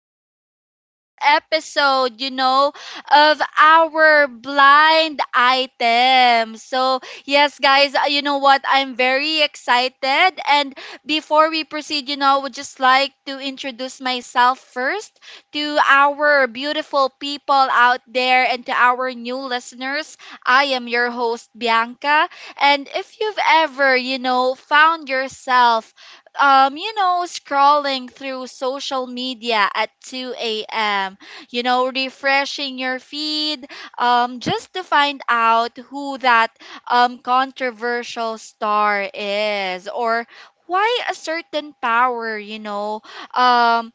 very first episode, of our blind item. So, yes, guys, you know what? I'm very excited. And before we proceed, I would just like to introduce myself first to our beautiful people out there and to our new listeners. I am your host, Bianca. And if you've ever, found yourself scrolling through social media at 2 a.m., refreshing your feed just to find out who that controversial star is, or why a certain um,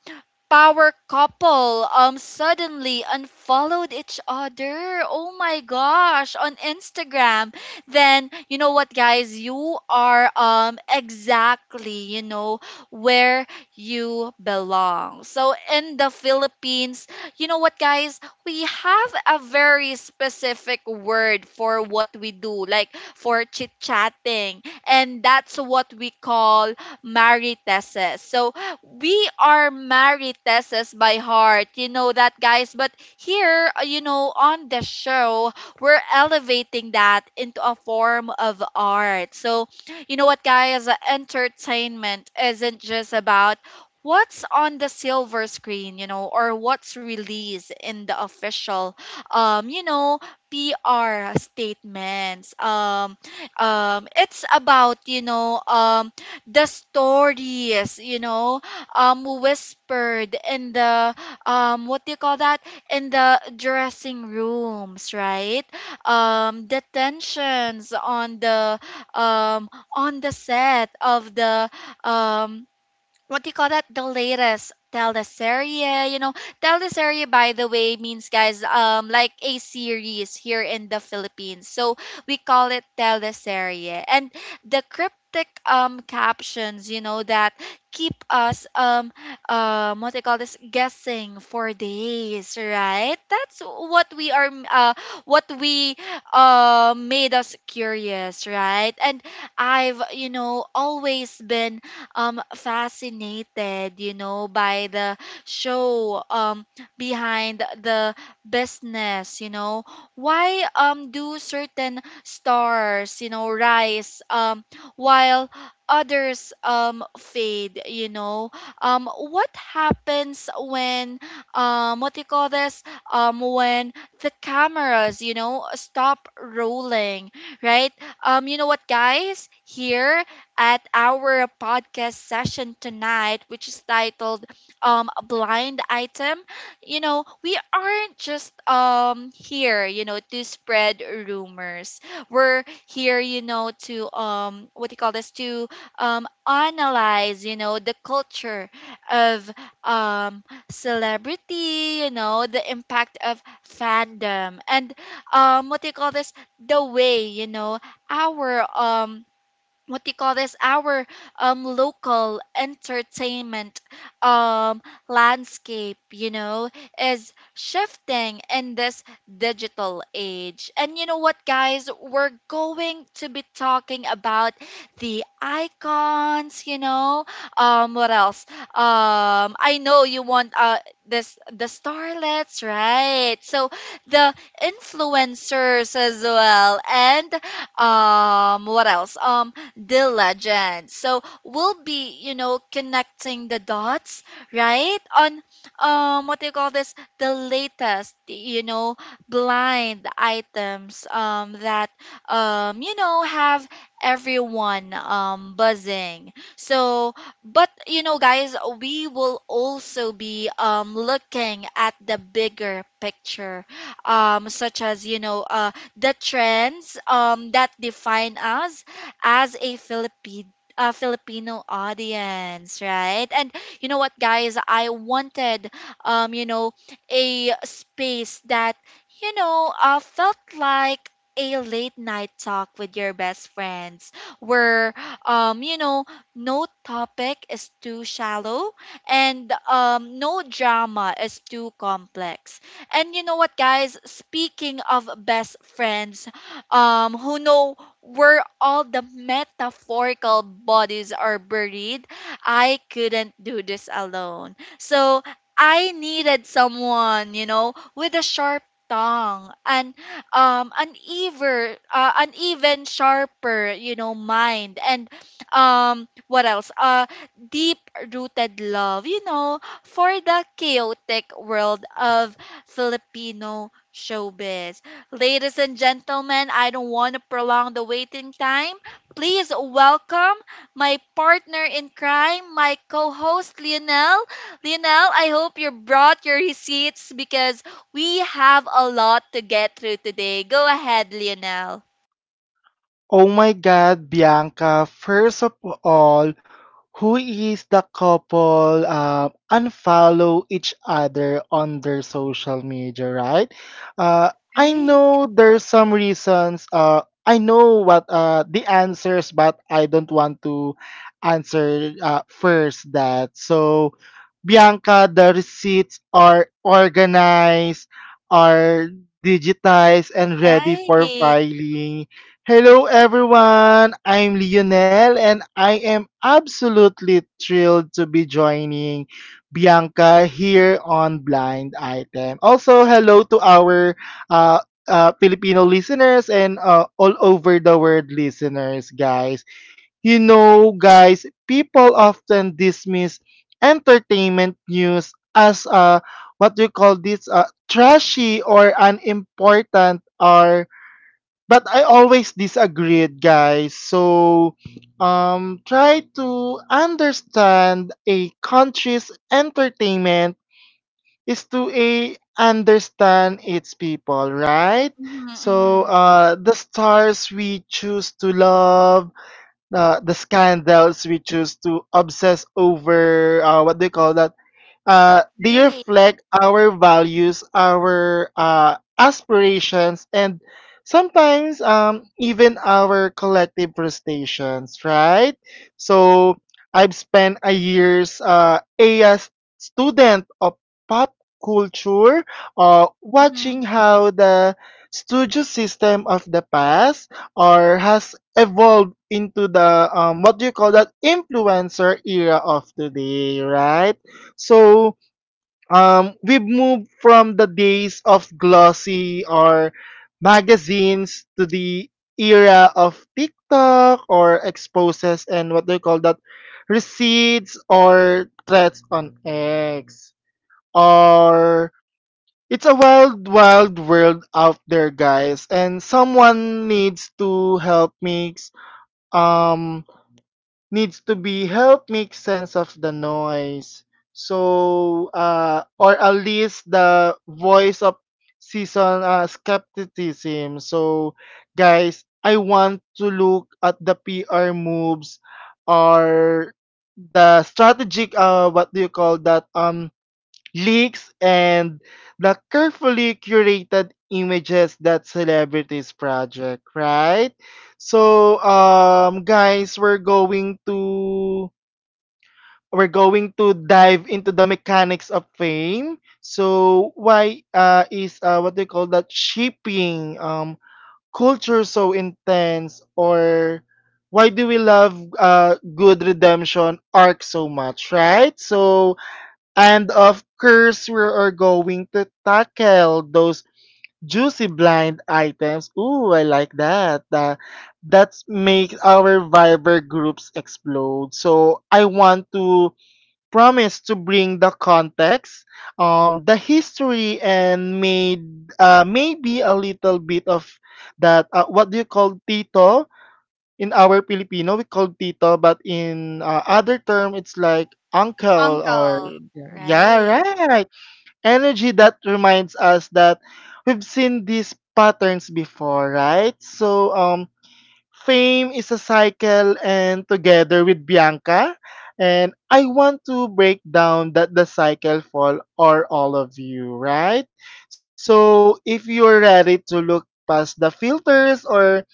power couple suddenly unfollowed each other. Oh my gosh, on Instagram. Then you know what, guys, you are exactly, where you belong. So in the Philippines, you know what, guys, we have a very specific word for what we do, like for chit-chatting, and that's what we call mariteses. So we are Mariteses by heart. You know that, guys. But here, on the show, we're elevating that into a form of art. So, you know what, guys? Entertainment isn't just about what's on the silver screen, or what's released in the official, um, you know, PR statements. It's about, the stories, whispered in the, what do you call that, in the dressing rooms, right? The tensions on the, on the set of the, um what do you call that? The latest teleserie, Teleserie, by the way, means, guys, like a series here in the Philippines. So we call it teleserie. And the cryptic captions, that keep us what they call this, guessing for days, right? That's what we are, what we, made us curious, right? And I've, always been fascinated, by the show, behind the business. Why do certain stars, rise, while others fade, you know? What happens when, what do you call this? When the cameras, stop rolling, right? You know what, guys? Here at our podcast session tonight, which is titled, Blind Item. You know, we aren't just here, to spread rumors. We're here, to, what do you call this, to analyze, the culture of, um, celebrity, the impact of fandom, and, what do you call this, the way, our, what do you call this, our local entertainment um landscape, is shifting in this digital age. And you know what, guys, we're going to be talking about the icons, what else I know you want, this, the starlets, right? So the influencers as well, and, what else the legend. So we'll be, connecting the dots, right? On, what do you call this? The latest, blind items that you know have everyone buzzing. So, but you know, guys, we will also be looking at the bigger picture, such as, the trends that define us as a Philippine Filipino audience, right? And you know what, guys, I wanted, um, you know, a space that felt like a late night talk with your best friends, where um you know no topic is too shallow, and no drama is too complex. And you know what, guys, speaking of best friends, who know where all the metaphorical bodies are buried, I couldn't do this alone. So I needed someone, with a sharp tongue and an even sharper, mind, and, what else? Deep rooted love, for the chaotic world of Filipino showbiz. Ladies and gentlemen, I don't want to prolong the waiting time. Please welcome my partner in crime, my co host, Lionel. Lionel, I hope you brought your receipts, because we have a lot to get through today. Go ahead, Lionel. Oh my God, Bianca. First of all, who is the couple unfollow each other on their social media, right? Uh, I Right, know there's some reasons. I know what the answers, but I don't want to answer first that. So, Bianca, the receipts are organized, are digitized, and ready for right. filing. Hello everyone, I'm Lionel and I am absolutely thrilled to be joining Bianca here on Blind Item. Also, hello to our uh, Filipino listeners and all over the world listeners, guys. You know, guys, people often dismiss entertainment news as what we call this trashy or unimportant or, but I always disagreed, guys. So, try to understand a country's entertainment is to a understand its people, right? Mm-hmm, So, mm-hmm. The stars we choose to love, the scandals we choose to obsess over, what do you call that? They Right. reflect our values, our aspirations, and sometimes even our collective frustrations, right? So I've spent a year's a student of pop culture, watching Mm-hmm. how the studio system of the past or has evolved into the what do you call that influencer era of today, right? So we've moved from the days of glossy or magazines to the era of TikTok or exposes and what do you call that? receipts or threats on X. Or it's a wild, wild world out there, guys. And someone needs to help me um needs to be help make sense of the noise. So, or at least the voice of season skepticism. So, guys, I want to look at the PR moves or the strategic what do you call that leaks, and the carefully curated images that celebrities project, right? So, guys, we're going to dive into the mechanics of fame. So, why is what they call that shipping culture so intense, or why do we love good redemption arc so much, right? So, and of course, we are going to tackle those juicy blind items. Ooh, I like that. That's make our Viber groups explode. So I want to promise to bring the context, the history, and made maybe a little bit of that. What do you call Tito? In our Filipino, we call tito, but in other term, it's like uncle or Uncle. yeah, Right. right. Energy that reminds us that we've seen these patterns before, right? So fame is a cycle, and together with Bianca, and I want to break down that the cycle for or all of you, right? So if you're ready to look past the filters or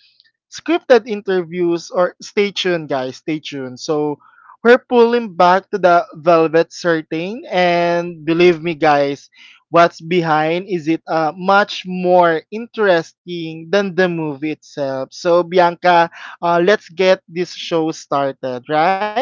scripted interviews or stay tuned guys, stay tuned so we're pulling back to the velvet certain and believe me guys what's behind is it much more interesting than the movie itself. So Bianca, let's get this show started, right?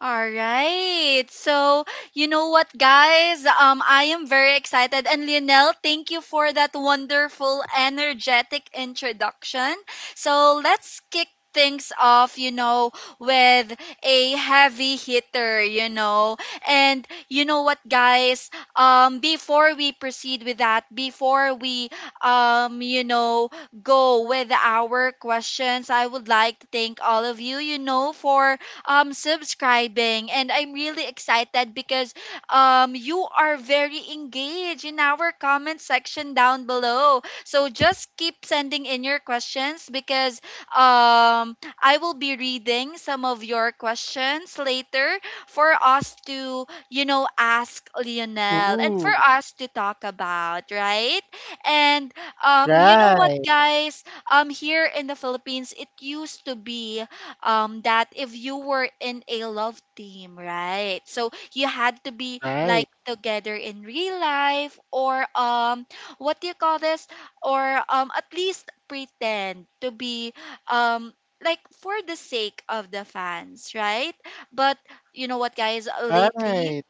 All right. So, you know what, guys? I am very excited. And Lionel, thank you for that wonderful, energetic introduction. So, let's kick things off, with a heavy hitter, you know. And you know what, guys? Before we proceed with that, before we, um, you know, go with our questions, I would like to thank all of you, for subscribing, and I'm really excited because you are very engaged in our comment section down below. So just keep sending in your questions, because um I will be reading some of your questions later for us to, ask Lionel, and for Ooh, us to talk about, right? And, um you know what right, guys, here in the Philippines it used to be that if you were in a love team, right? So you had to be right, like together in real life, or, what do you call this? Or at least pretend to be, um like, for the sake of the fans, right? But you know what, guys, lately right.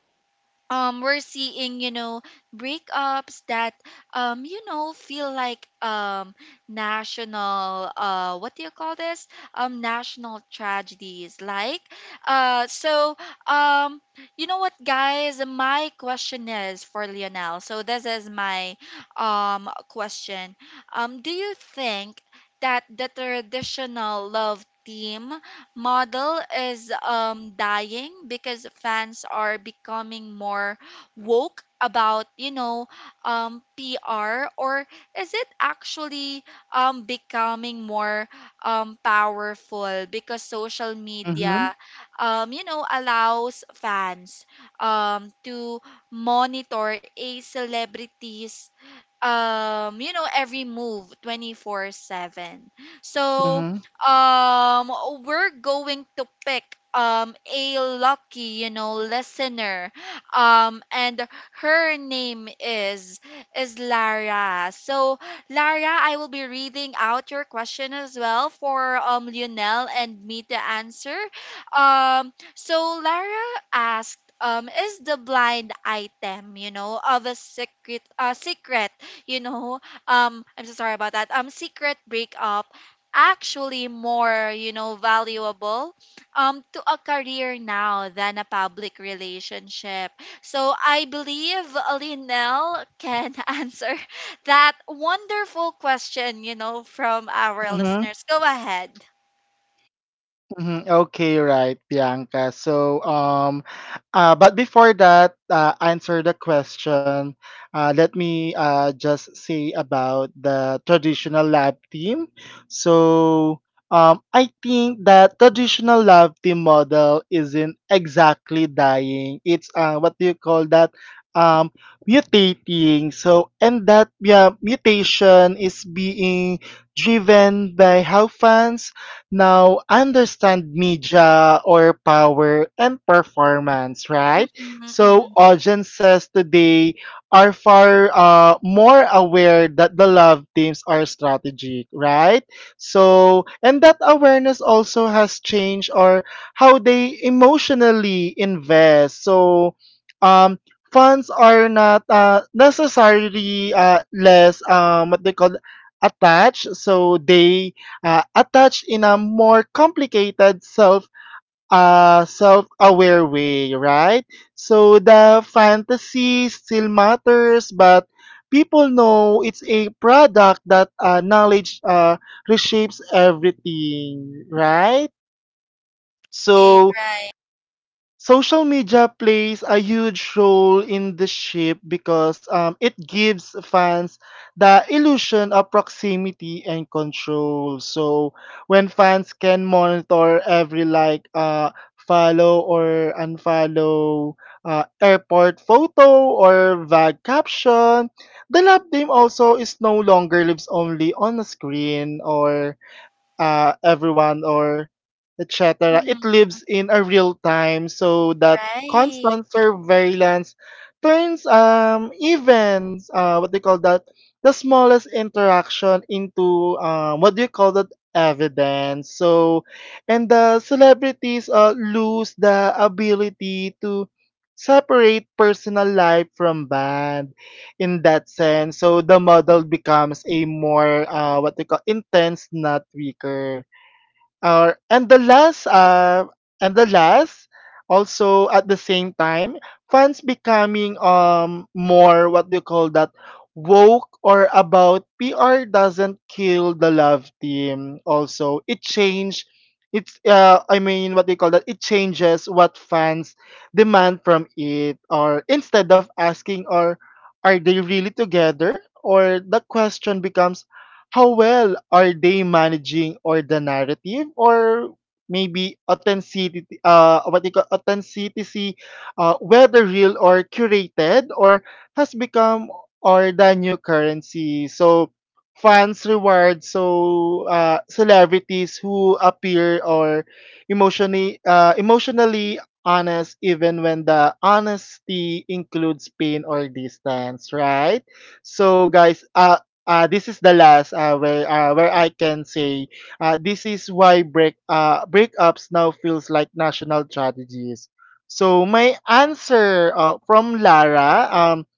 we're seeing, breakups that feel like national, what do you call this, national tragedies, like, uh. So, um you know what, guys, my question is for Lionel, so this is my question. Do you think that the traditional love team model is dying because fans are becoming more woke about, PR? Or is it actually becoming more powerful because social Mm-hmm, media allows fans to monitor a celebrity's every move 24/7? So, mm-hmm, um we're going to pick a lucky, listener, and her name is Lara. So, Lara, I will be reading out your question as well for, Lionel and me to answer. Um, so, Lara asked, is the blind item, of a secret secret you know I'm so sorry about that, secret breakup, actually more, valuable to a career now than a public relationship? So, I believe Linel can answer that wonderful question, from our mm-hmm, listeners. Go ahead. mm-hmm. Okay, right Bianca, so but before that, answer the question. Let me just say about the traditional lab team. So, I think that traditional lab team model isn't exactly dying. It's what do you call that? Um, mutating. So, and that yeah, mutation is being driven by how fans now understand media or power and performance, right? Mm-hmm, So, mm-hmm. audiences today are far more aware that the love teams are strategic, right? So, and that awareness also has changed or how they emotionally invest. So, um, funds are not necessarily less what they call attached. So they attached in a more complicated self self-aware way, right? So the fantasy still matters, but people know it's a product that knowledge reshapes everything, right? Right, So right. social media plays a huge role in the shape because it gives fans the illusion of proximity and control. So when fans can monitor every like, follow or unfollow, airport photo or vague caption, the love team also is no longer lives only on a screen or everyone or etc. It Mm-hmm. lives in a real time so that Right. constant surveillance turns even what they call that the smallest interaction into what do you call that evidence. So and the celebrities lose the ability to separate personal life from band in that sense. So the model becomes a more what they call intense, not weaker. Or and the last also at the same time fans becoming more what do you call that woke or about PR doesn't kill the love team also it change. It's I mean what do you call that it changes what fans demand from it. Or instead of asking or are they really together, or the question becomes how well are they managing or the narrative. Or maybe authenticity, what you call authenticity whether real or curated or has become or the new currency. So fans reward so celebrities who appear or emotionally honest even when the honesty includes pain or distance, right? So guys, this is the last where I can say this is why breakups now feels like national tragedies. So my answer from Lara,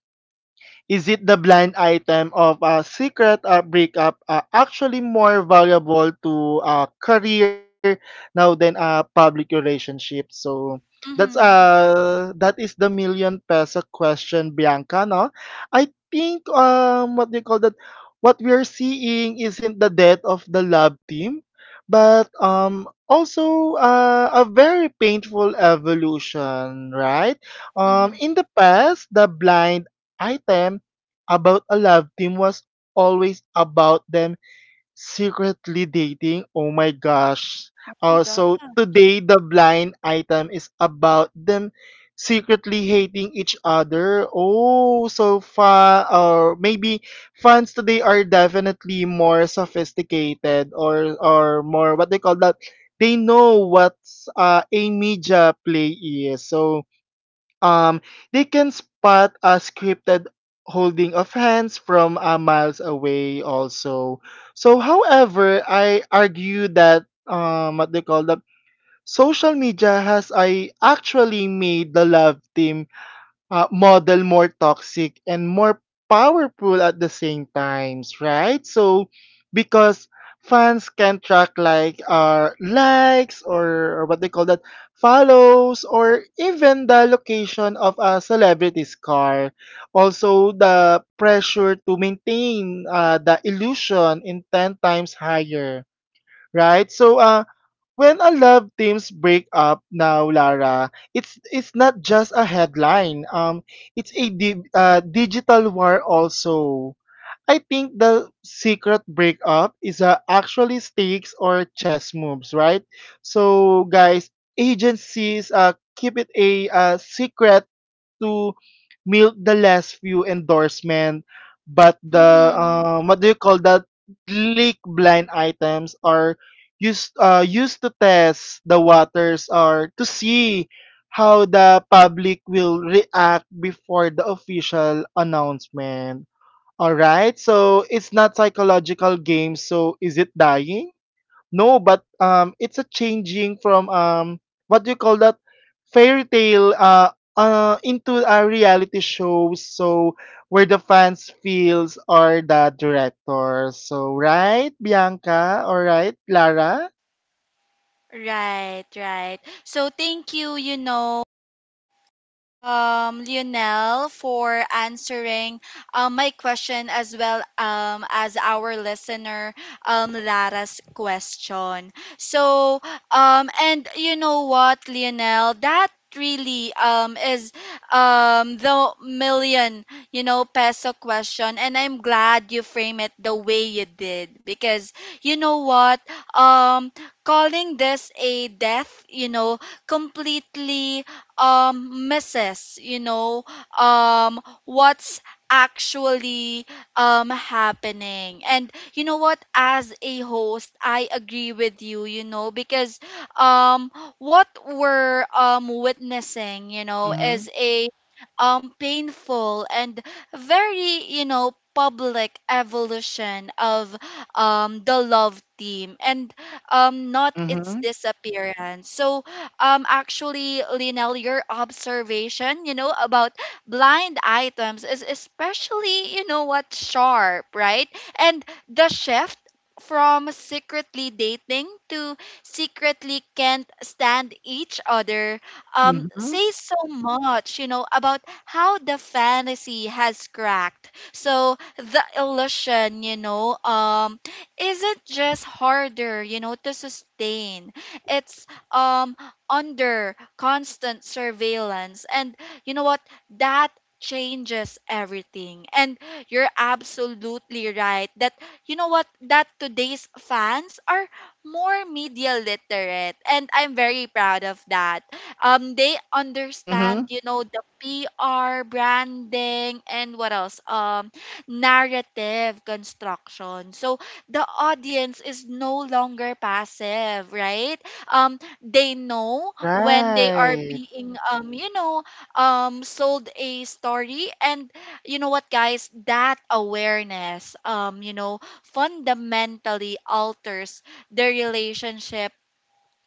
is it the blind item of a secret breakup actually more valuable to a career now than a public relationship? So that's Mm-hmm, uh that is the million peso question, Bianca. No, I think what do you call that? what we're seeing isn't the death of the love team, but also a very painful evolution, right? Mm-hmm. In the past, the blind item about a love team was always about them secretly dating. Oh my gosh. Go. So today, the blind item is about them secretly hating each other. Oh, so fun. Or maybe fans today are definitely more sophisticated or, more, what they call that? They know what's a media play is. So um, they can spot a scripted holding of hands from miles away also. So, however, I argue that, what they call that, social media has I actually made the love team model more toxic and more powerful at the same times, right? So because fans can track like our likes or what they call that follows or even the location of a celebrity's car also, the pressure to maintain the illusion in 10 times higher, right? So when a love teams break up now, Lara, it's not just a headline. It's a digital war also. I think the secret breakup is actually stakes or chess moves, right? So guys, agencies keep it a secret to milk the last few endorsement, but the Mm-hmm. What do you call that? leak blind items are used to test the waters or to see how the public will react before the official announcement. All right, so it's not psychological game. So is it dying? No, but it's a changing from what do you call that fairy tale into a reality show. So where the fans feels are the director. So right, Bianca. All right, Lara. Right, right. So thank you, Lionel, for answering, my question, as well as our listener, Lara's question. So, and you know what, Lionel, that really is the million, peso question, and I'm glad you frame it the way you did. Because you know what? um Calling this a death, completely misses, what's actually happening. And you know what? As a host, I agree with you, you know because um what we're witnessing, Mhm. is a painful and very, public evolution of the love team, and not its Mhm. disappearance. So, actually, Linel, your observation, about blind items is especially, you know what sharp, right? And the shift from secretly dating to secretly can't stand each other Mhm. says so much, about how the fantasy has cracked. So the illusion, isn't just harder, to sustain, it's um under constant surveillance. And you know what? That changes everything. And you're absolutely right that, you know what? That today's fans are more media literate. And I'm very proud of that. They Mhm. understand, the PR, branding, and what else? Narrative construction. So the audience is no longer passive, right? Um, they know when they are Right. being sold a story. And you know what, guys, that awareness, fundamentally alters the relationship,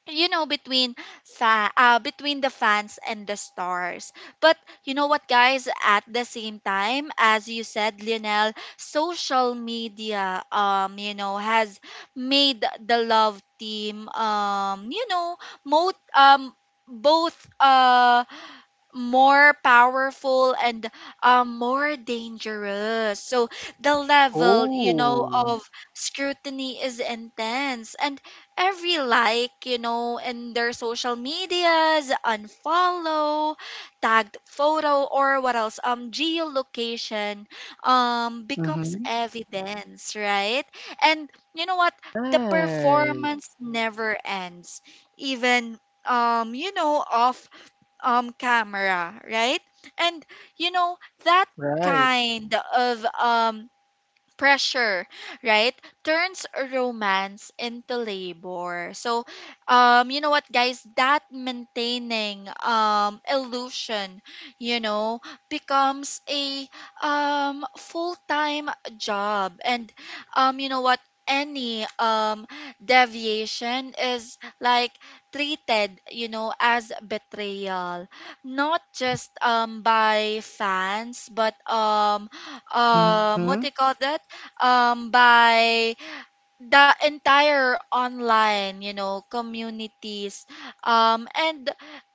between between the fans and the stars. But you know what, guys, at the same time, as you said, Lionel, social media, has made the love team, mo- um both, more powerful and, more dangerous. So the level, Oh. of scrutiny is intense. And every like, in their social medias, unfollow, tagged photo, or what else, geolocation, becomes Mhm. evidence, right? And you know what? The Right. performance never ends. Even, of camera, right? And you know that Right. kind of pressure, right? Turns romance into labor. So, you know what, guys? That maintaining illusion, you know, becomes a full time job. And, you know what? Any deviation is, like, treated, as betrayal, not just by fans, but, Mhm. What do you call that? By the entire online communities and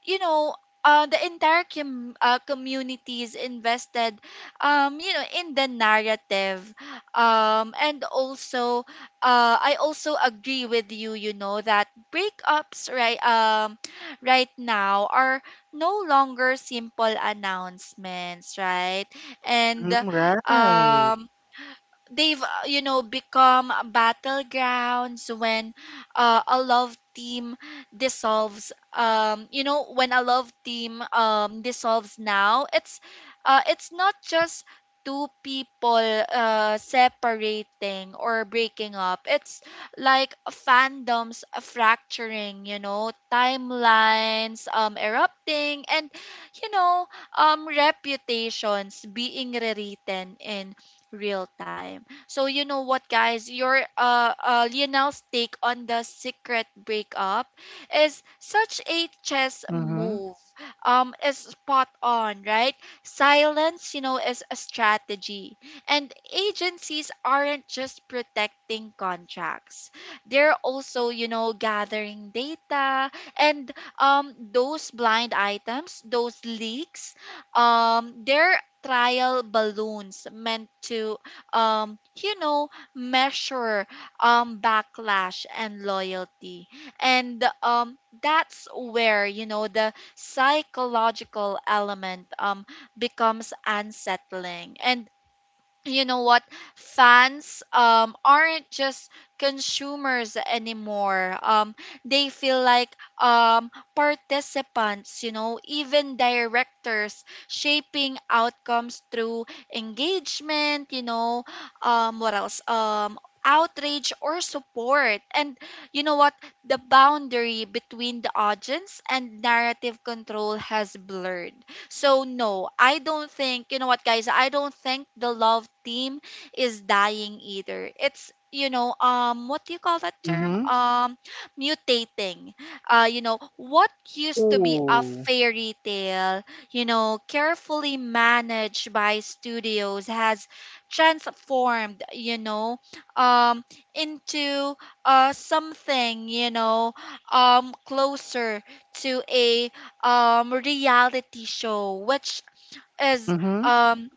you know the entire communities invested in the narrative and also I also agree with you you know that breakups right now are no longer simple announcements, right. And Mhm. Right. um they've become battlegrounds when a love team dissolves. When a love team dissolves, now it's not just two people separating or breaking up. It's like fandoms fracturing, timelines erupting, and you know reputations being rewritten in real time. So, you know what, guys? Your Lionel's take on the secret breakup is such a chess Mhm. move. Is spot on, right? Silence is a strategy, and agencies aren't just protecting contracts. They're also gathering data, and those blind items, those leaks. They're trial balloons meant to um you know measure backlash and loyalty, and that's where the psychological element becomes unsettling. And you know what, fans aren't just consumers anymore. They feel like um participants, even directors shaping outcomes through engagement, you know what else outrage or support. And you know what, the boundary between the audience and narrative control has blurred. So no, I don't think, you know what, guys, I don't think the love team is dying either. It's what do you call that term? Mhm. Mutating. You know what used to be a Oh. fairy tale carefully managed by studios has transformed um into something closer to a reality show, which is Mhm. um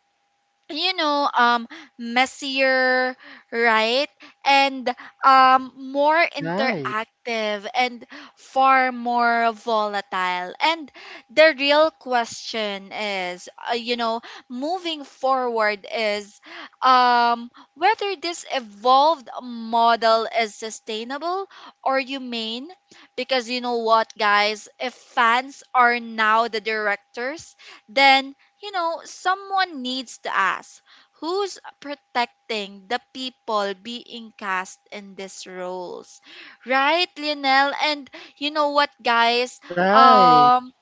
you know um messier, right, and more Right, interactive, and far more volatile. And the real question is, moving forward, is um whether this evolved model is sustainable or humane, because you know what, guys, if fans are now the directors, then, you know, someone needs to ask who's protecting the people being cast in these roles, right, Lionel? And you know what, guys? right, Um,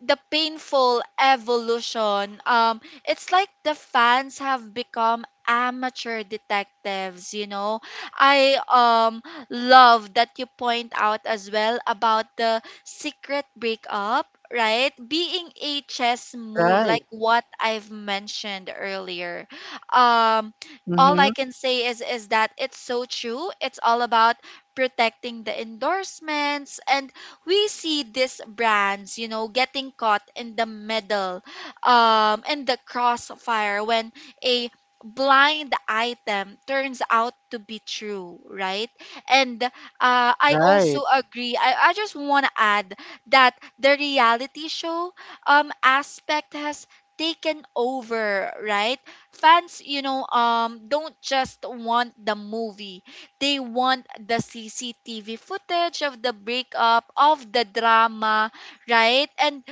the painful evolution. It's like the fans have become amateur detectives. I love that you point out as well about the secret breakup, right? Being a chess move, right. like what I've mentioned earlier. Um all Mhm. I can say is that it's so true. It's all about protecting the endorsements, and we see these brands getting caught in the middle, in the crossfire when a blind item turns out to be true, right? And I Right. also agree. I just want to add that the reality show aspect has taken over, right? Fans don't just want the movie, they want the CCTV footage of the breakup of the drama, right? And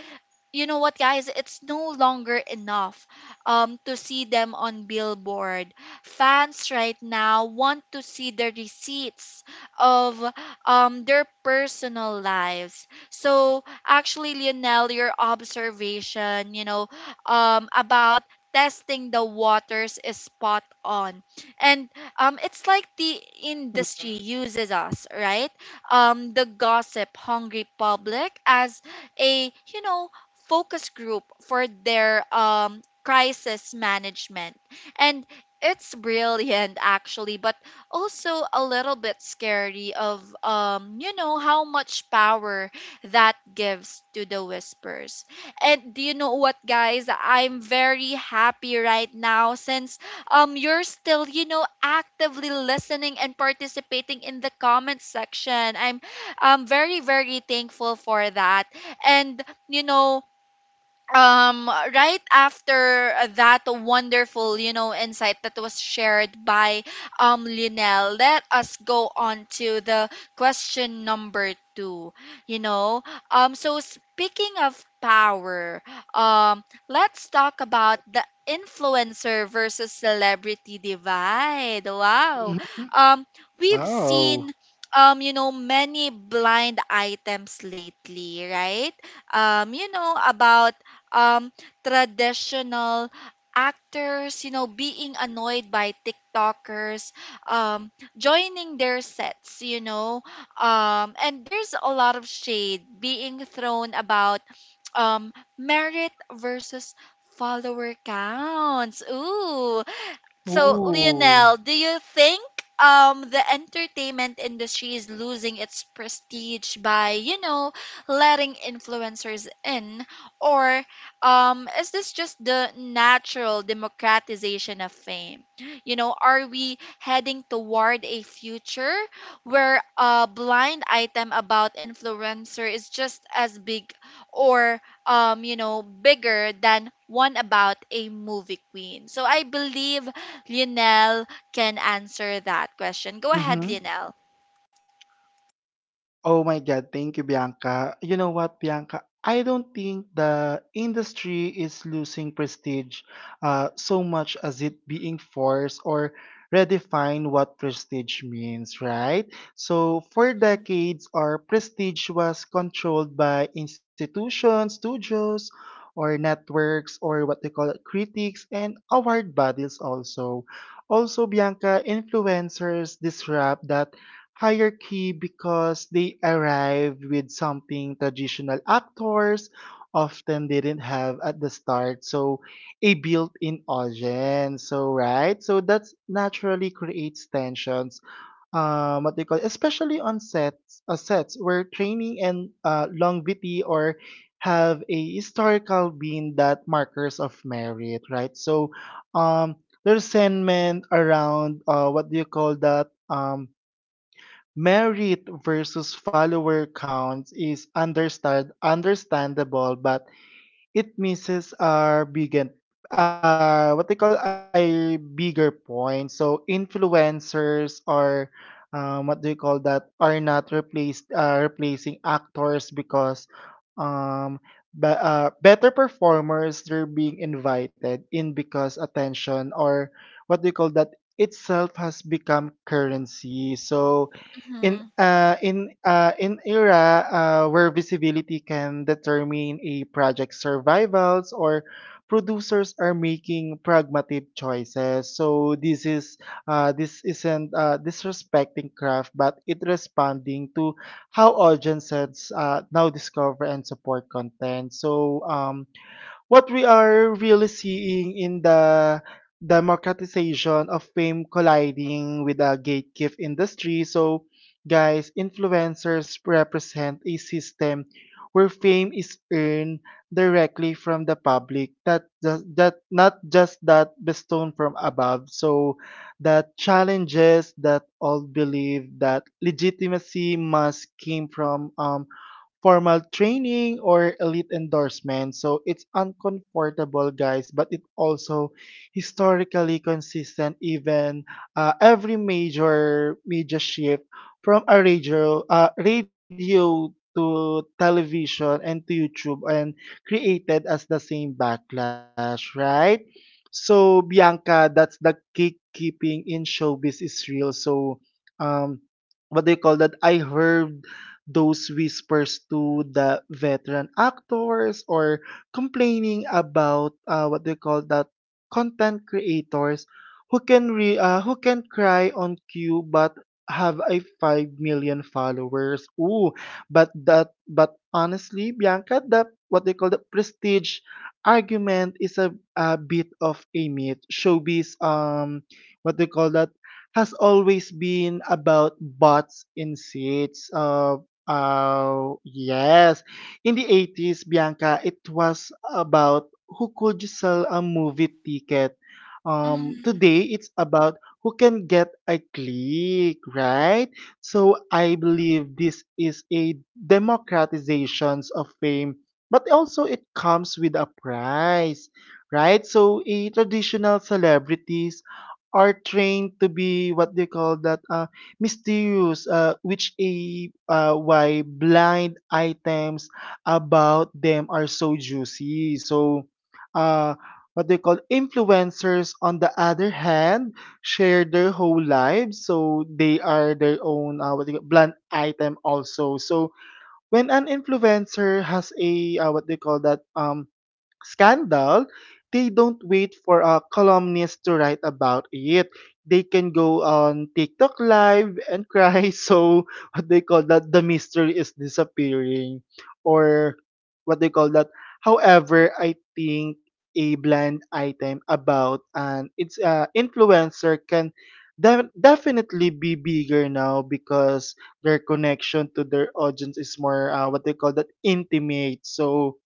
you know what, guys, it's no longer enough to see them on billboard. Fans right now want to see the receipts of their personal lives. So actually, Lionel, your observation about testing the waters is spot on. And it's like the industry Mhm. uses us, right, the gossip hungry public, as a you know focus group for their crisis management. And it's brilliant actually, but also a little bit scary of how much power that gives to the whispers. And do you know what, guys? I'm very happy right now since you're still actively listening and participating in the comment section. I'm very, very thankful for that. And you know, um right after that wonderful insight that was shared by Lynel, let us go on to the question number 2. You know um so speaking of power, let's talk about the influencer versus celebrity divide. Mhm. Wow. Um we've Wow. seen many blind items lately, right, about um traditional actors being annoyed by TikTokers, um, joining their sets. And there's a lot of shade being thrown about merit versus follower counts. Ooh. So, Ooh. Lionel, do you think the entertainment industry is losing its prestige by letting influencers in, or is this just the natural democratization of fame? You know, are we heading toward a future where a blind item about influencer is just as big, or bigger than one about a movie queen? So I believe Lionel can answer that question. Mhm. Go ahead, Lionel. Oh my God, thank you, Bianca. You know what, Bianca? I don't think the industry is losing prestige so much as it being forced or redefine what prestige means, right? So for decades, our prestige was controlled by institutions, studios, or networks, or what they call it, critics and award bodies also. Also, Bianca, influencers disrupt that hierarchy because they arrived with something traditional actors often didn't have at the start. So a built-in audience, so right, so that's naturally creates tensions what they call, especially on sets, sets where training and longevity or have a historical being that markers of merit, right? So um there's sentiment around what do you call that merit versus follower count is understandable, but it misses our bigger what they call a bigger point. So influencers are what do you call that are not replaced replacing actors because um better performers. They're being invited in because attention or what do you call that itself has become currency. So Mm-hmm. In era where visibility can determine a project's survivals or producers are making pragmatic choices. So this isn't disrespecting craft but it responding to how audiences now discover and support content. So what we are really seeing in the democratization of fame colliding with a gatekeep industry. Guys, influencers represent a system where fame is earned directly from the public that just, that not just that bestowed from above, so that challenges that all believe that legitimacy must came from formal training or elite endorsement. So it's uncomfortable, guys, but it also historically consistent. Even Every major media shift from radio to television and to YouTube, and created as the same backlash, right? So Bianca, that's the gatekeeping in showbiz is real. So um, what do you call that? I heard those whispers to the veteran actors or complaining about what they call that, content creators who who can cry on cue but have a 5 million followers, ooh, but honestly Bianca, the what they call the prestige argument is a bit of a myth. Showbiz, what they call that, has always been about butts in seats. Yes. In the 80s, Bianca, it was about who could sell a movie ticket. Mm-hmm. Today, it's about who can get a click, right? So I believe this is a democratizations of fame, but also it comes with a price, right? So a traditional celebrities are trained to be what they call that mysterious, which a why blind items about them are so juicy. So, uh, what they call influencers, on the other hand, share their whole lives, so they are their own what they call, blind item also. So, when an influencer has a what they call that scandal, they don't wait for a columnist to write about it. They can go on TikTok live and cry. So what they call that, the mystery is disappearing, or what they call that. However, I think a blind item about an it's influencer can definitely be bigger now because their connection to their audience is more what they call that, intimate. So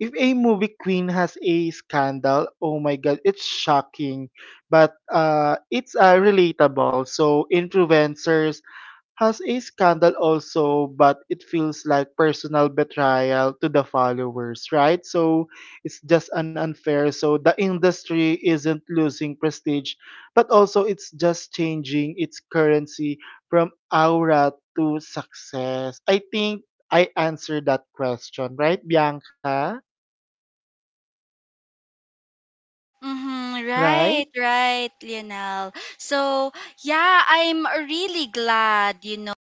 if a movie queen has a scandal, oh my god, it's shocking, but it's relatable. So influencers has a scandal also, but it feels like personal betrayal to the followers, right? So it's just an unfair. So the industry isn't losing prestige, but also it's just changing its currency from aura to success. I think I answered that question, right, Bianca? Mm-hmm. Right? Right, right, Lionel. So, yeah, I'm really glad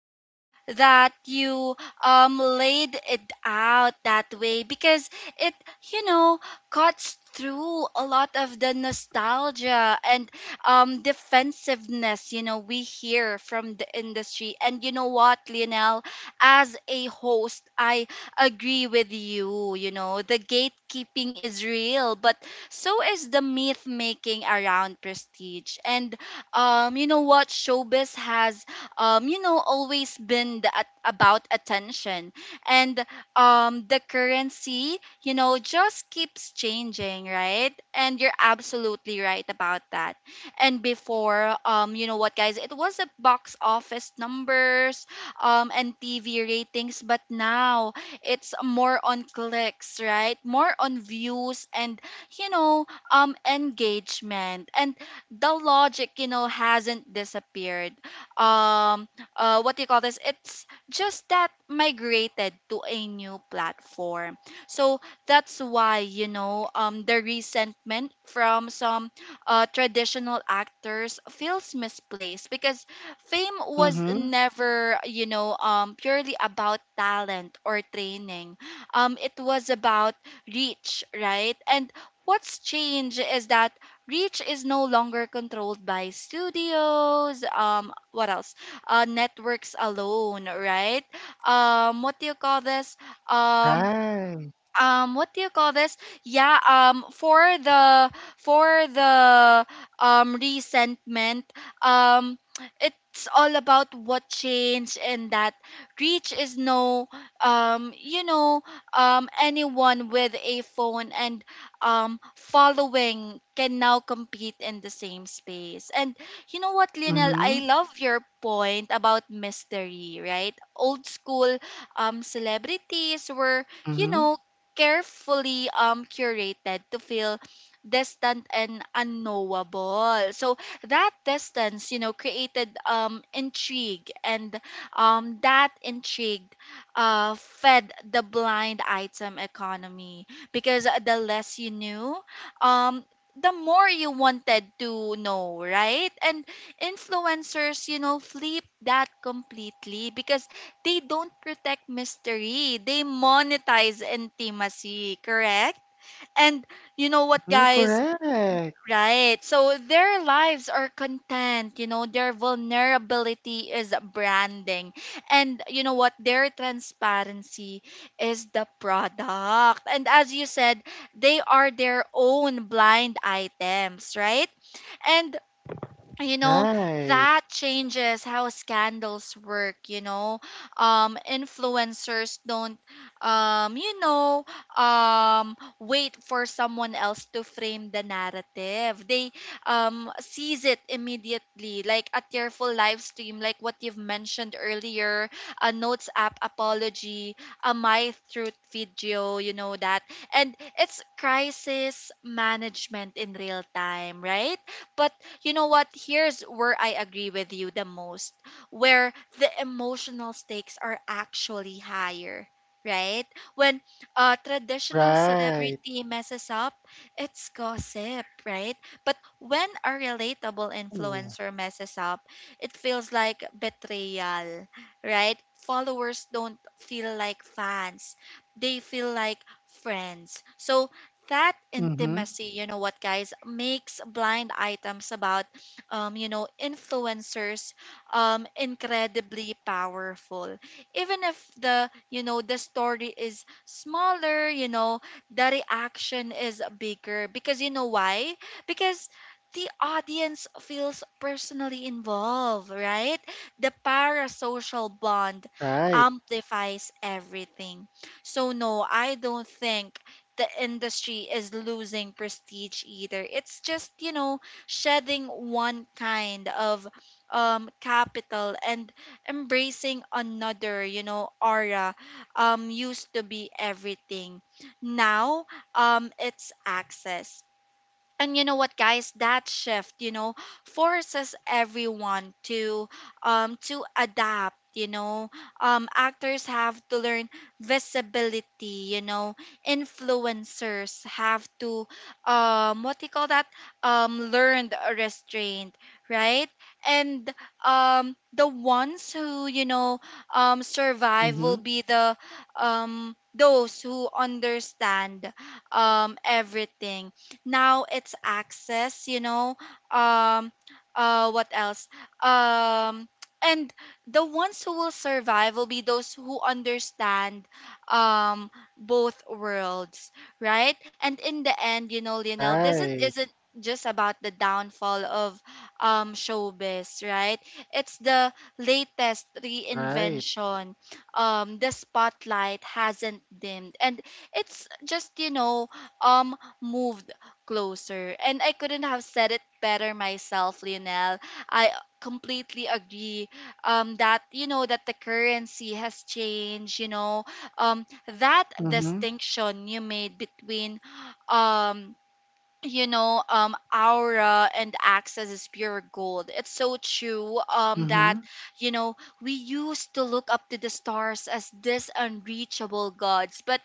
that you laid it out that way, because it you know cuts through a lot of the nostalgia and defensiveness we hear from the industry. And you know what, Lionel, as a host, I agree with you you know the gatekeeping is real, but so is the myth making around prestige. And you know what, showbiz has always been about attention. And the currency just keeps changing, right? And you're absolutely right about that. And before, you know what, guys, it was a box office numbers and TV ratings, but now it's more on clicks, right? More on views, and engagement. And the logic hasn't disappeared. um what do you call this? It's just that migrated to a new platform. So that's why the resentment from some traditional actors feels misplaced, because fame was Mhm. never purely about talent or training. It was about reach, right. And what's changed is that reach is no longer controlled by studios, what else networks alone, right. What do you call this? um Right. What do you call this? Yeah, for the resentment, um it's all about what change. And that reach is no. um you know Anyone with a phone and following can now compete in the same space. And you know what, Lionel, Mhm. I love your point about mystery, right? Old school celebrities were you Mhm. know carefully curated to feel distant and unknowable. So that distance created intrigue, and that intrigue fed the blind item economy, because the less you knew, um the more you wanted to know, right? And influencers flip that completely because they don't protect mystery. They monetize intimacy, correct? And you Mm, know what, guys? correct. Right. So their lives are content. Their vulnerability is branding. And you know what? Their transparency is the product. And as you said, they are their own blind items, right? And you know Right. that changes how scandals work. Influencers don't um you know wait for someone else to frame the narrative. They seize it immediately, like a tearful live stream, like what you've mentioned earlier: a notes app apology, a my truth video, you know that. And it's crisis management in real time, right? But you know what? Here's where I agree with you the most, where the emotional stakes are actually higher, right? When a traditional Right. celebrity messes up, it's gossip, right? But when a relatable Ooh. influencer messes up, it feels like betrayal, right? Followers don't feel like fans, they feel like friends. So, that Mhm. intimacy, you know what, guys, makes blind items about influencers incredibly powerful, even if the story is smaller, the reaction is bigger, because you know why? Because the audience feels personally involved, right, the parasocial bond Right. amplifies everything. So no, I don't think the industry is losing prestige either. It's just shedding one kind of capital and embracing another. Aura used to be everything. Now it's access. And you know what, guys? That shift forces everyone to adapt. Actors have to learn visibility. Influencers have to what do you call that? Learned restraint, right? And the ones who survive will Mhm. be the those who understand everything. Now it's access, you know. um what else? Um and the ones who will survive will be those who understand um both worlds, right. And in the end, you know, Lionel, this isn't Right. isn't just about the downfall of showbiz, right. It's the latest Right. reinvention. The spotlight hasn't dimmed, and it's just um moved closer. And I couldn't have said it better myself, Lionel. I completely agree that, you know, that the currency has changed. Um, that Mhm. distinction you made between, um, aura and access, is pure gold. It's so true that, Mhm. you know, we used to look up to the stars as these unreachable gods, but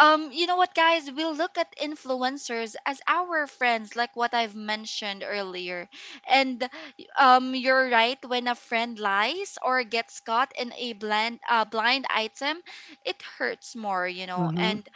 you know what, guys? We'll look at influencers as our friends, like what I've mentioned earlier. And you're right. When a friend lies or gets caught in a blind item, it hurts more. Mhm. And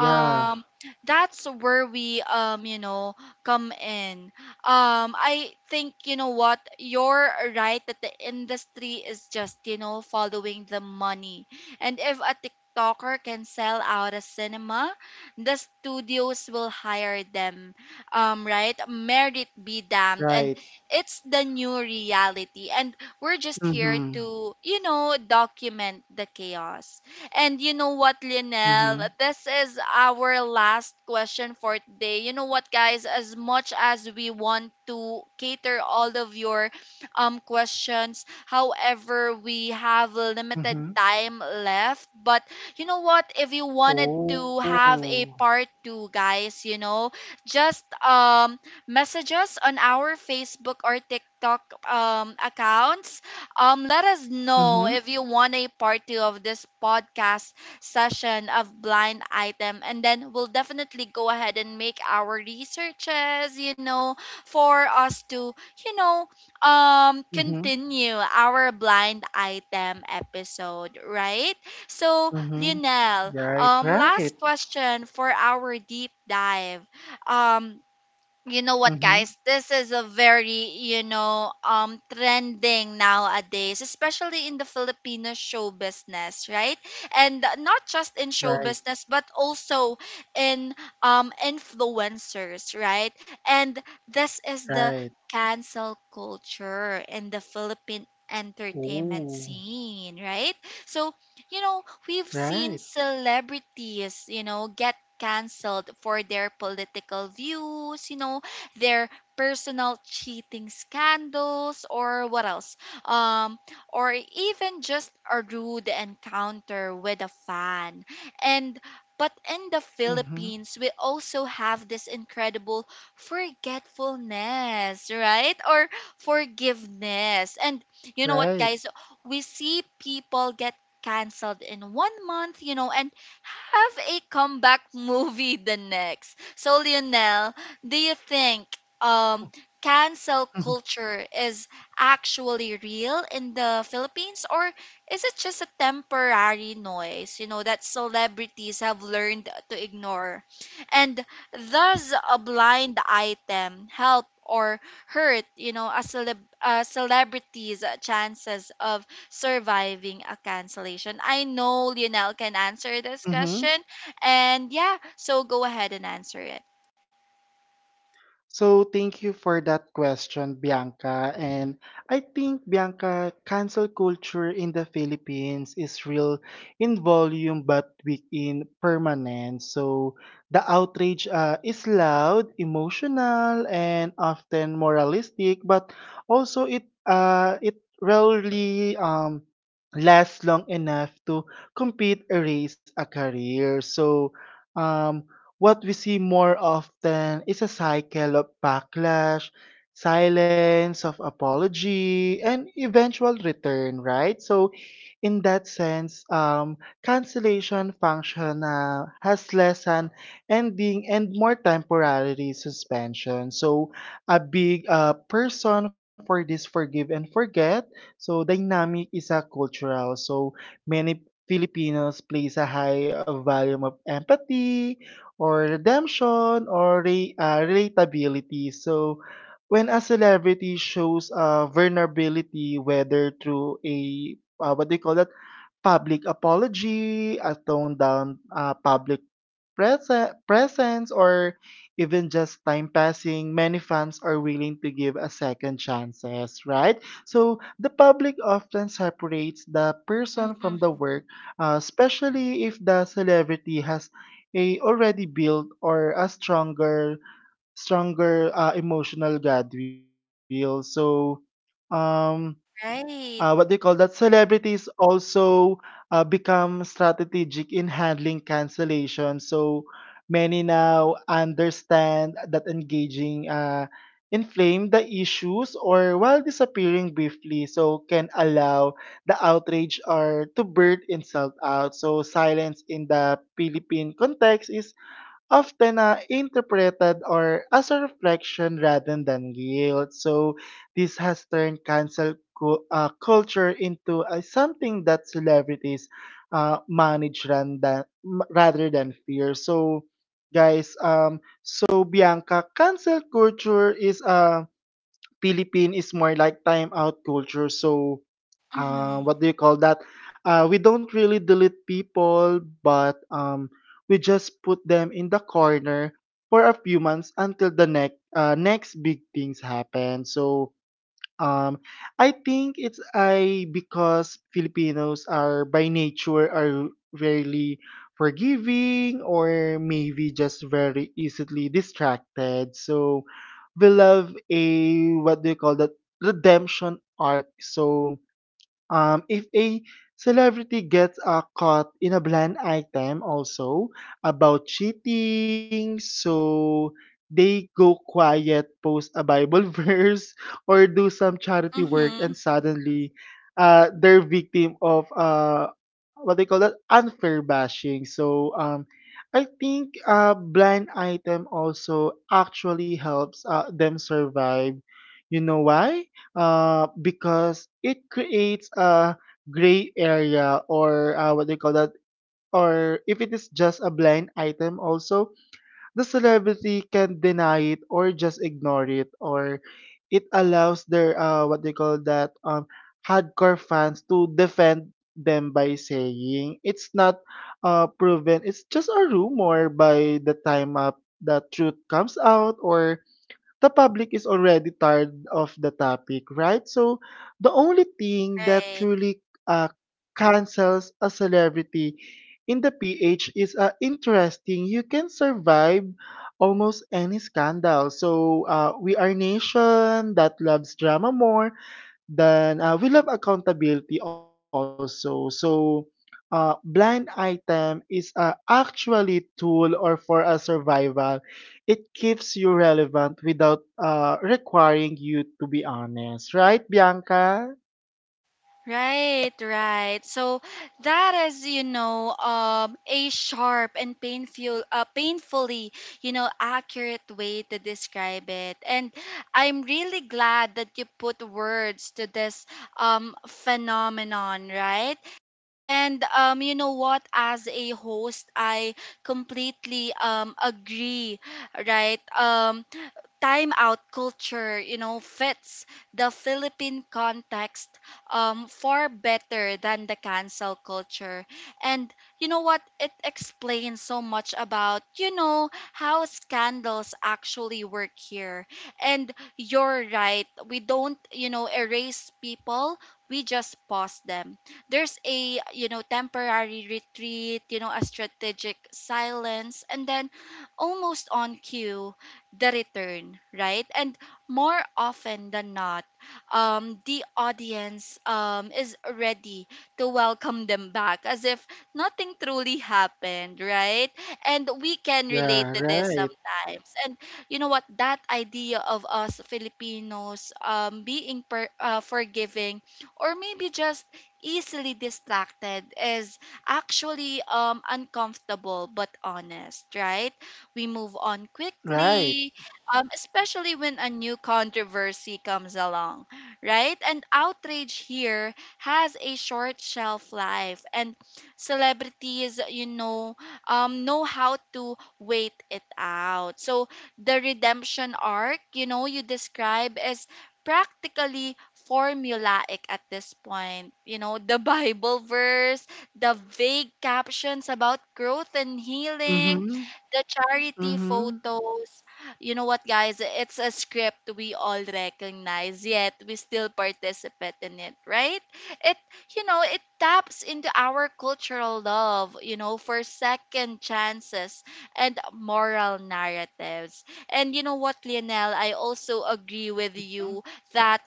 Yeah. that's where we come in. I think what you're right that the industry is just, following the money. And if a TikToker can sell out a cinema, the studios will hire them, right, merit be damned. And Right. it's the new reality, and we're just here Mhm. to, document the chaos. And you know what, Lionel? Mhm. This is our last question for today. You know what, guys? As much as we want to cater all of your questions, however, we have limited Mhm. time left. But you know what? If you wanted to have Oh. a part two, guys, just message us on our Facebook or TikTok accounts. Let us know Mhm. if you want a part two of this podcast session of Blind Item, and then we'll definitely go ahead and make our researches, for us to, you know, Mhm. continue our blind item episode, right? So, Mhm. Lionel, Right. Right. last question for our deep dive. Um, you know what, Mhm. guys, this is a very, trending nowadays, especially in the Filipino show business, right? And not just in show Right. business, but also in influencers, right? And this is the Right. cancel culture in the Philippine entertainment Oh. scene, right? So, you know, we've seen Right. celebrities, you know, get canceled for their political views, you know, their personal cheating scandals, or what else? Um or even just a rude encounter with a fan. And but in the Mhm. Philippines, we also have this incredible forgetfulness, right? Or forgiveness. And you know what, Right. guys? We see people get canceled in 1 month, you know, and have a comeback movie the next. So, Lionel, do you think um, Mm-hmm. cancel culture is actually real in the Philippines, or is it just a temporary noise, you know, that celebrities have learned to ignore? And does a blind item help or hurt, you know, a celebrity's chances of surviving a cancellation? I know Lionel can answer this Mhm. question. And yeah, so go ahead and answer it. So thank you for that question, Bianca. And I think, Bianca, cancel culture in the Philippines is real in volume but weak in permanence. So the outrage is loud, emotional, and often moralistic, but also it rarely lasts long enough to compete, erase a career. So um, what we see more often is a cycle of backlash, silence, of apology, and eventual return, right? So, in that sense, cancellation function has less an ending and more temporary suspension. So, a big person for this forgive and forget. So, dynamic is a cultural. So, many Filipinos place a high volume of empathy or redemption or relatability. So, when a celebrity shows vulnerability, whether through a what do you call that? Public apology, a toned down public presence, or even just time passing, many fans are willing to give a second chances, right? So the public often separates the person Mm-hmm. from the work, especially if the celebrity has a already built or a stronger emotional goodwill. So um what Right. do you call that? Celebrities also become strategic in handling cancellation. So many now understand that engaging inflame the issues or while disappearing briefly, so can allow the outrage or to burn insult out. So silence in the Philippine context is often interpreted or as a reflection rather than guilt. So this has turned culture into something that celebrities manage rather than fear. So guys, so Bianca, cancel culture is a Philippine is more like time out culture. So Mm-hmm. what do you call that? We don't really delete people, but we just put them in the corner for a few months until the next big things happen. So um, I think it's I because Filipinos are by nature are rarely forgiving or maybe just very easily distracted. So we love a, what do you call that, redemption arc. So if a celebrity gets caught in a blind item also about cheating, so they go quiet, post a Bible verse, or do some charity work, and Mm-hmm. suddenly they're victim of what they call that, unfair bashing. So I think blind item also actually helps them survive. You know why? Because it creates a gray area or what do you call that? Or if it is just a blind item, also the celebrity can deny it or just ignore it, or it allows their what do you call that, hardcore fans to defend them by saying it's not proven, it's just a rumor by the time the truth comes out, or the public is already tired of the topic, right? So the only thing that Right. truly uh, cancels a celebrity in the PH is interesting. You can survive almost any scandal. So we are nation that loves drama more then we love accountability also. So blind item is a actually tool or for a survival. It keeps you relevant without requiring you to be honest, right, Bianca? Right, right. So that is, you know, a sharp and painfully, you know, accurate way to describe it. And I'm really glad that you put words to this phenomenon, right? And you know what? As a host, I completely agree, right? Time out culture, you know, fits the Philippine context far better than the cancel culture. And you know what, it explains so much about, you know, how scandals actually work here. And you're right, we don't, you know, erase people, we just pause them. There's a, you know, temporary retreat, you know, a strategic silence, and then almost on cue, the return, right? And more often than not, the audience is ready to welcome them back as if nothing truly happened, right? And we can relate Yeah, to this right, sometimes. And you know what? That idea of us Filipinos forgiving, or maybe just easily distracted, is actually uncomfortable but honest, right? We move on right. quickly, especially when a new controversy comes along, right? And outrage here has a short shelf life, and celebrities, you know how to wait it out. So the redemption arc, you know, you describe is practically formulaic at this point. You know, the Bible verse, the vague captions about growth and healing, Mhm, the charity mhm, photos. You know what, guys? It's a script we all recognize, yet we still participate in it, right? It, you know, it taps into our cultural love, you know, for second chances and moral narratives. And you know what, Lionel? I also agree with you mhm, that,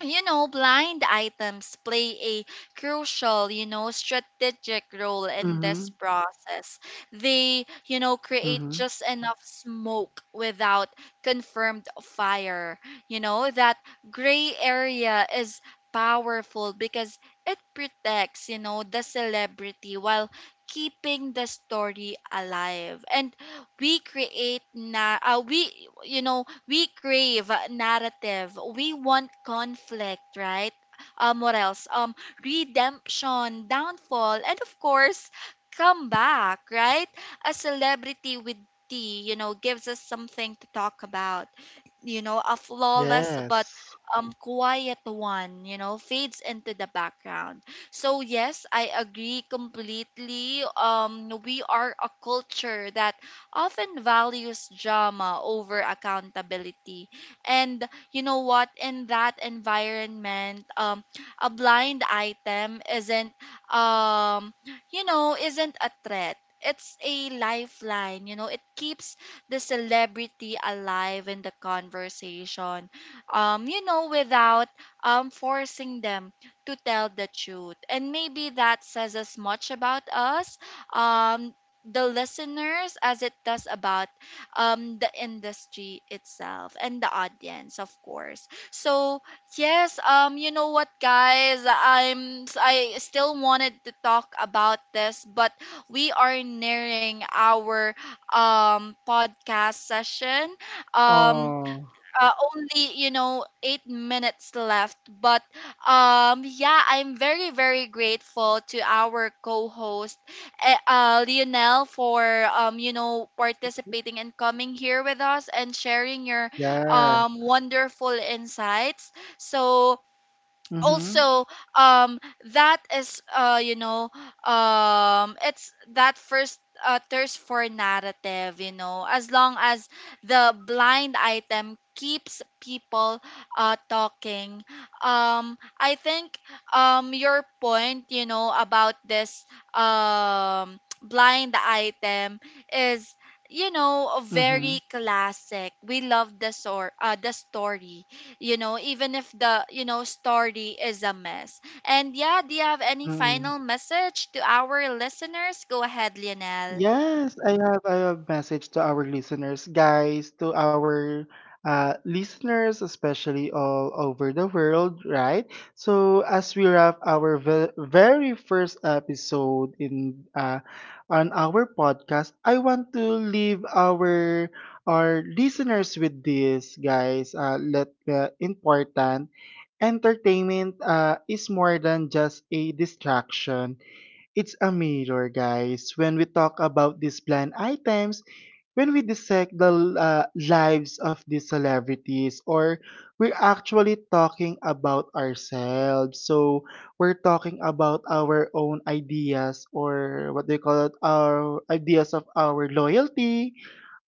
you know, blind items play a crucial, you know, strategic role in this mhm, process. They, you know, create mhm. just enough smoke without confirmed fire. You know, that gray area is powerful because it protects, you know, the celebrity while keeping the story alive. And we create na we, you know, we crave a narrative. We want conflict, right? What else? Redemption, downfall, and of course, comeback, right? A celebrity with tea, you know, gives us something to talk about. You know, a flawless but Yes. Quiet one, you know, fades into the background. So yes, I agree completely. We are a culture that often values drama over accountability. And you know what? In that environment, a blind item isn't, um, you know, isn't a threat. It's a lifeline, you know, it keeps the celebrity alive in the conversation, you know, without forcing them to tell the truth. And maybe that says as much about us um, the listeners as it does about the industry itself and the audience, of course. So yes, you know what, guys, I still wanted to talk about this, but we are nearing our podcast session. um Oh, only, you know, 8 minutes left. But yeah, I'm very, very grateful to our co-host Lionel for you know, participating and coming here with us and sharing your yeah. Wonderful insights. So Mhm, also, um that is, you know, it's that first, thirst for narrative, you know, as long as the blind item keeps people talking. I think your point, you know, about this blind item is, you know, very mhm, classic. We love the the story, you know, even if the, you know, story is a mess. And yeah, do you have any final mhm. message to our listeners? Go ahead, Lionel. Yes, I have message to our listeners, guys, to our listeners, especially all over the world, right? So as we wrap our very first episode in on our podcast, I want to leave our listeners with this, guys. Let Important entertainment is more than just a distraction, it's a mirror, guys. When we talk about these planned items, when we dissect the lives of these celebrities, or we're actually talking about ourselves. So we're talking about our own ideas, or what they call it, our ideas of our loyalty,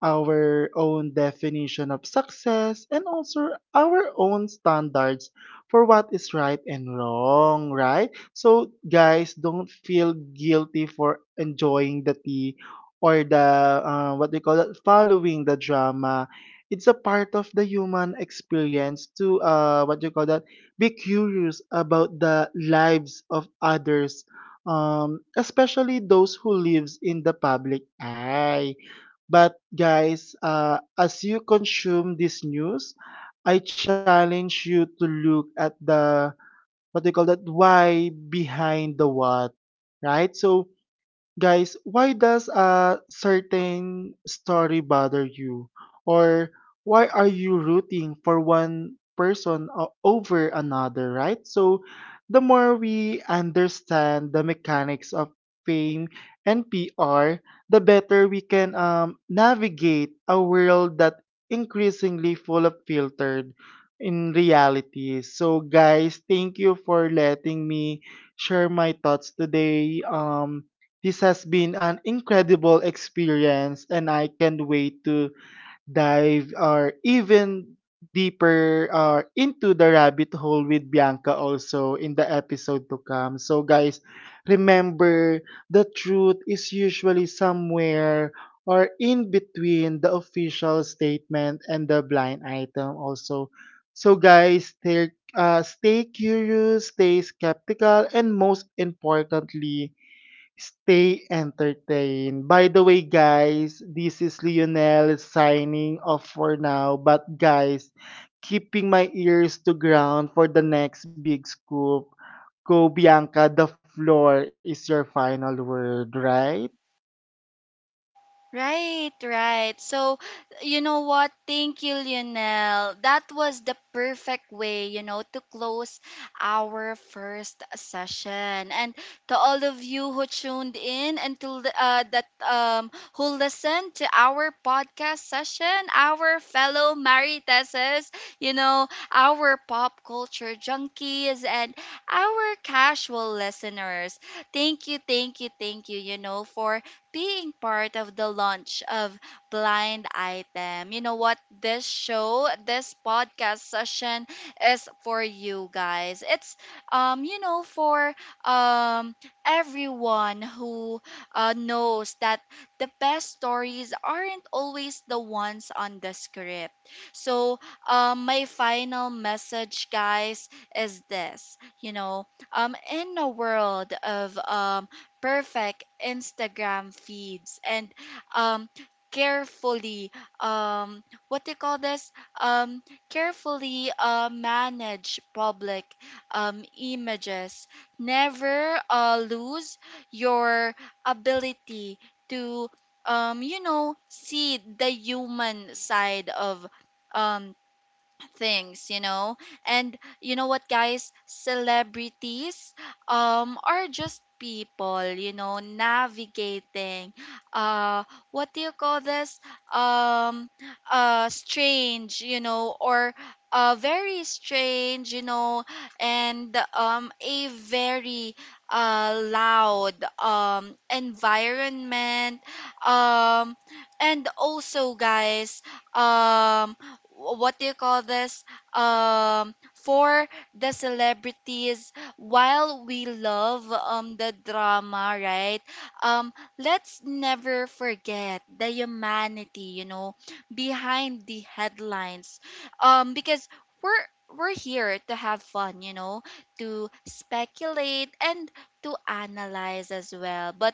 our own definition of success and also our own standards for what is right and wrong, right? So, guys, don't feel guilty for enjoying the tea or the what they call it, following the drama. It's a part of the human experience to what you call that, be curious about the lives of others, especially those who lives in the public eye. But guys, as you consume this news, I challenge you to look at the what do you call that? Why behind the what, right? So, guys, why does a certain story bother you? Or why are you rooting for one person over another, right? So, the more we understand the mechanics of fame and PR, the better we can navigate a world that increasingly full of filtered in reality. So, guys, thank you for letting me share my thoughts today. This has been an incredible experience, and I can't wait to dive or even deeper into the rabbit hole with Bianca also in the episode to come. So, guys, remember the truth is usually somewhere or in between the official statement and the blind item also. So, guys, stay curious, stay skeptical, and most importantly, stay entertained. By the way, guys, this is Lionel signing off for now. But, guys, keeping my ears to ground for the next big scoop. Go, Bianca, the floor is your final word, right? Right, right. So, you know what? Thank you, Lionel. That was the perfect way, you know, to close our first session. And to all of you who tuned in and to li- that who listened to our podcast session, our fellow Mariteses, you know, our pop culture junkies and our casual listeners. Thank you, thank you, thank you, you know, for being part of the launch of Blind Item. You know what? This show, this podcast session is for you guys. It's you know, for um everyone who, knows that the best stories aren't always the ones on the script. So, my final message, guys, is this. You know, in a world of perfect Instagram feeds and um carefully um what do you call this um carefully manage public images, never lose your ability to you know, see the human side of um things, you know. And you know what, guys? Celebrities are just people, you know, navigating, uh what do you call this? Um strange, you know, or very strange, you know, and a very loud environment. um and also, guys, um what do you call this for the celebrities, while we love the drama, right? um let's never forget the humanity, you know, behind the headlines, because we're we're here to have fun, you know, to speculate and to analyze as well. But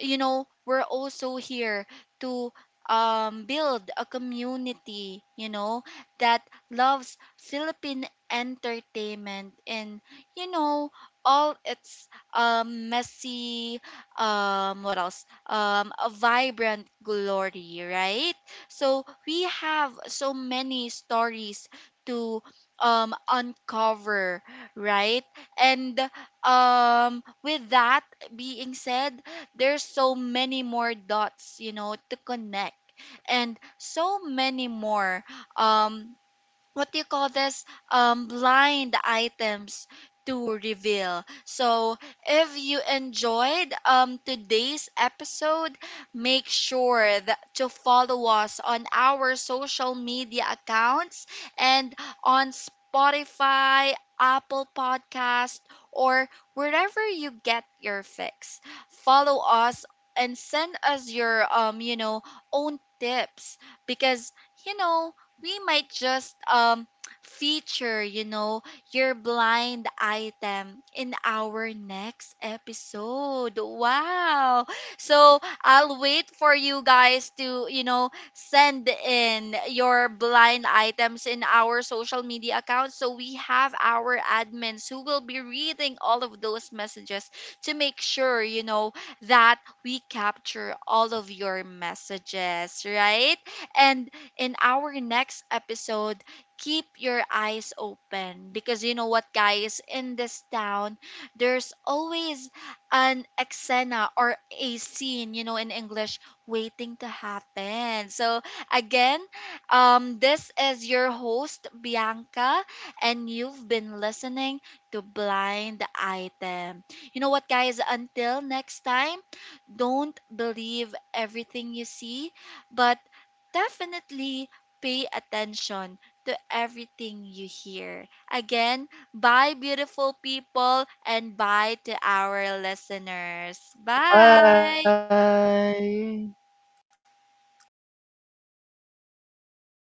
you know, we're also here to build a community, you know, that loves Philippine entertainment and, you know, all its messy, what else? A vibrant glory, right? So we have so many stories to uncover, right? And with that being said, there's so many more dots, you know, to connect, and so many more. Um, what do you call this blind items to reveal. So if you enjoyed today's episode, make sure that to follow us on our social media accounts and on Spotify, Apple Podcast, or wherever you get your fix. Follow us and send us your you know, own tips, because, you know, we might just feature, you know, your blind item in our next episode. Wow. So I'll wait for you guys to, you know, send in your blind items in our social media accounts. So we have our admins who will be reading all of those messages to make sure, you know, that we capture all of your messages, right? And in our next episode, keep your eyes open, because you know what, guys, in this town, there's always an exena, or a scene, you know, in English, waiting to happen. So, again, this is your host, Bianca, and you've been listening to Blind Item. You know what, guys, until next time, don't believe everything you see, but definitely pay attention to everything you hear. Again, bye, beautiful people, and bye to our listeners. Bye. Bye!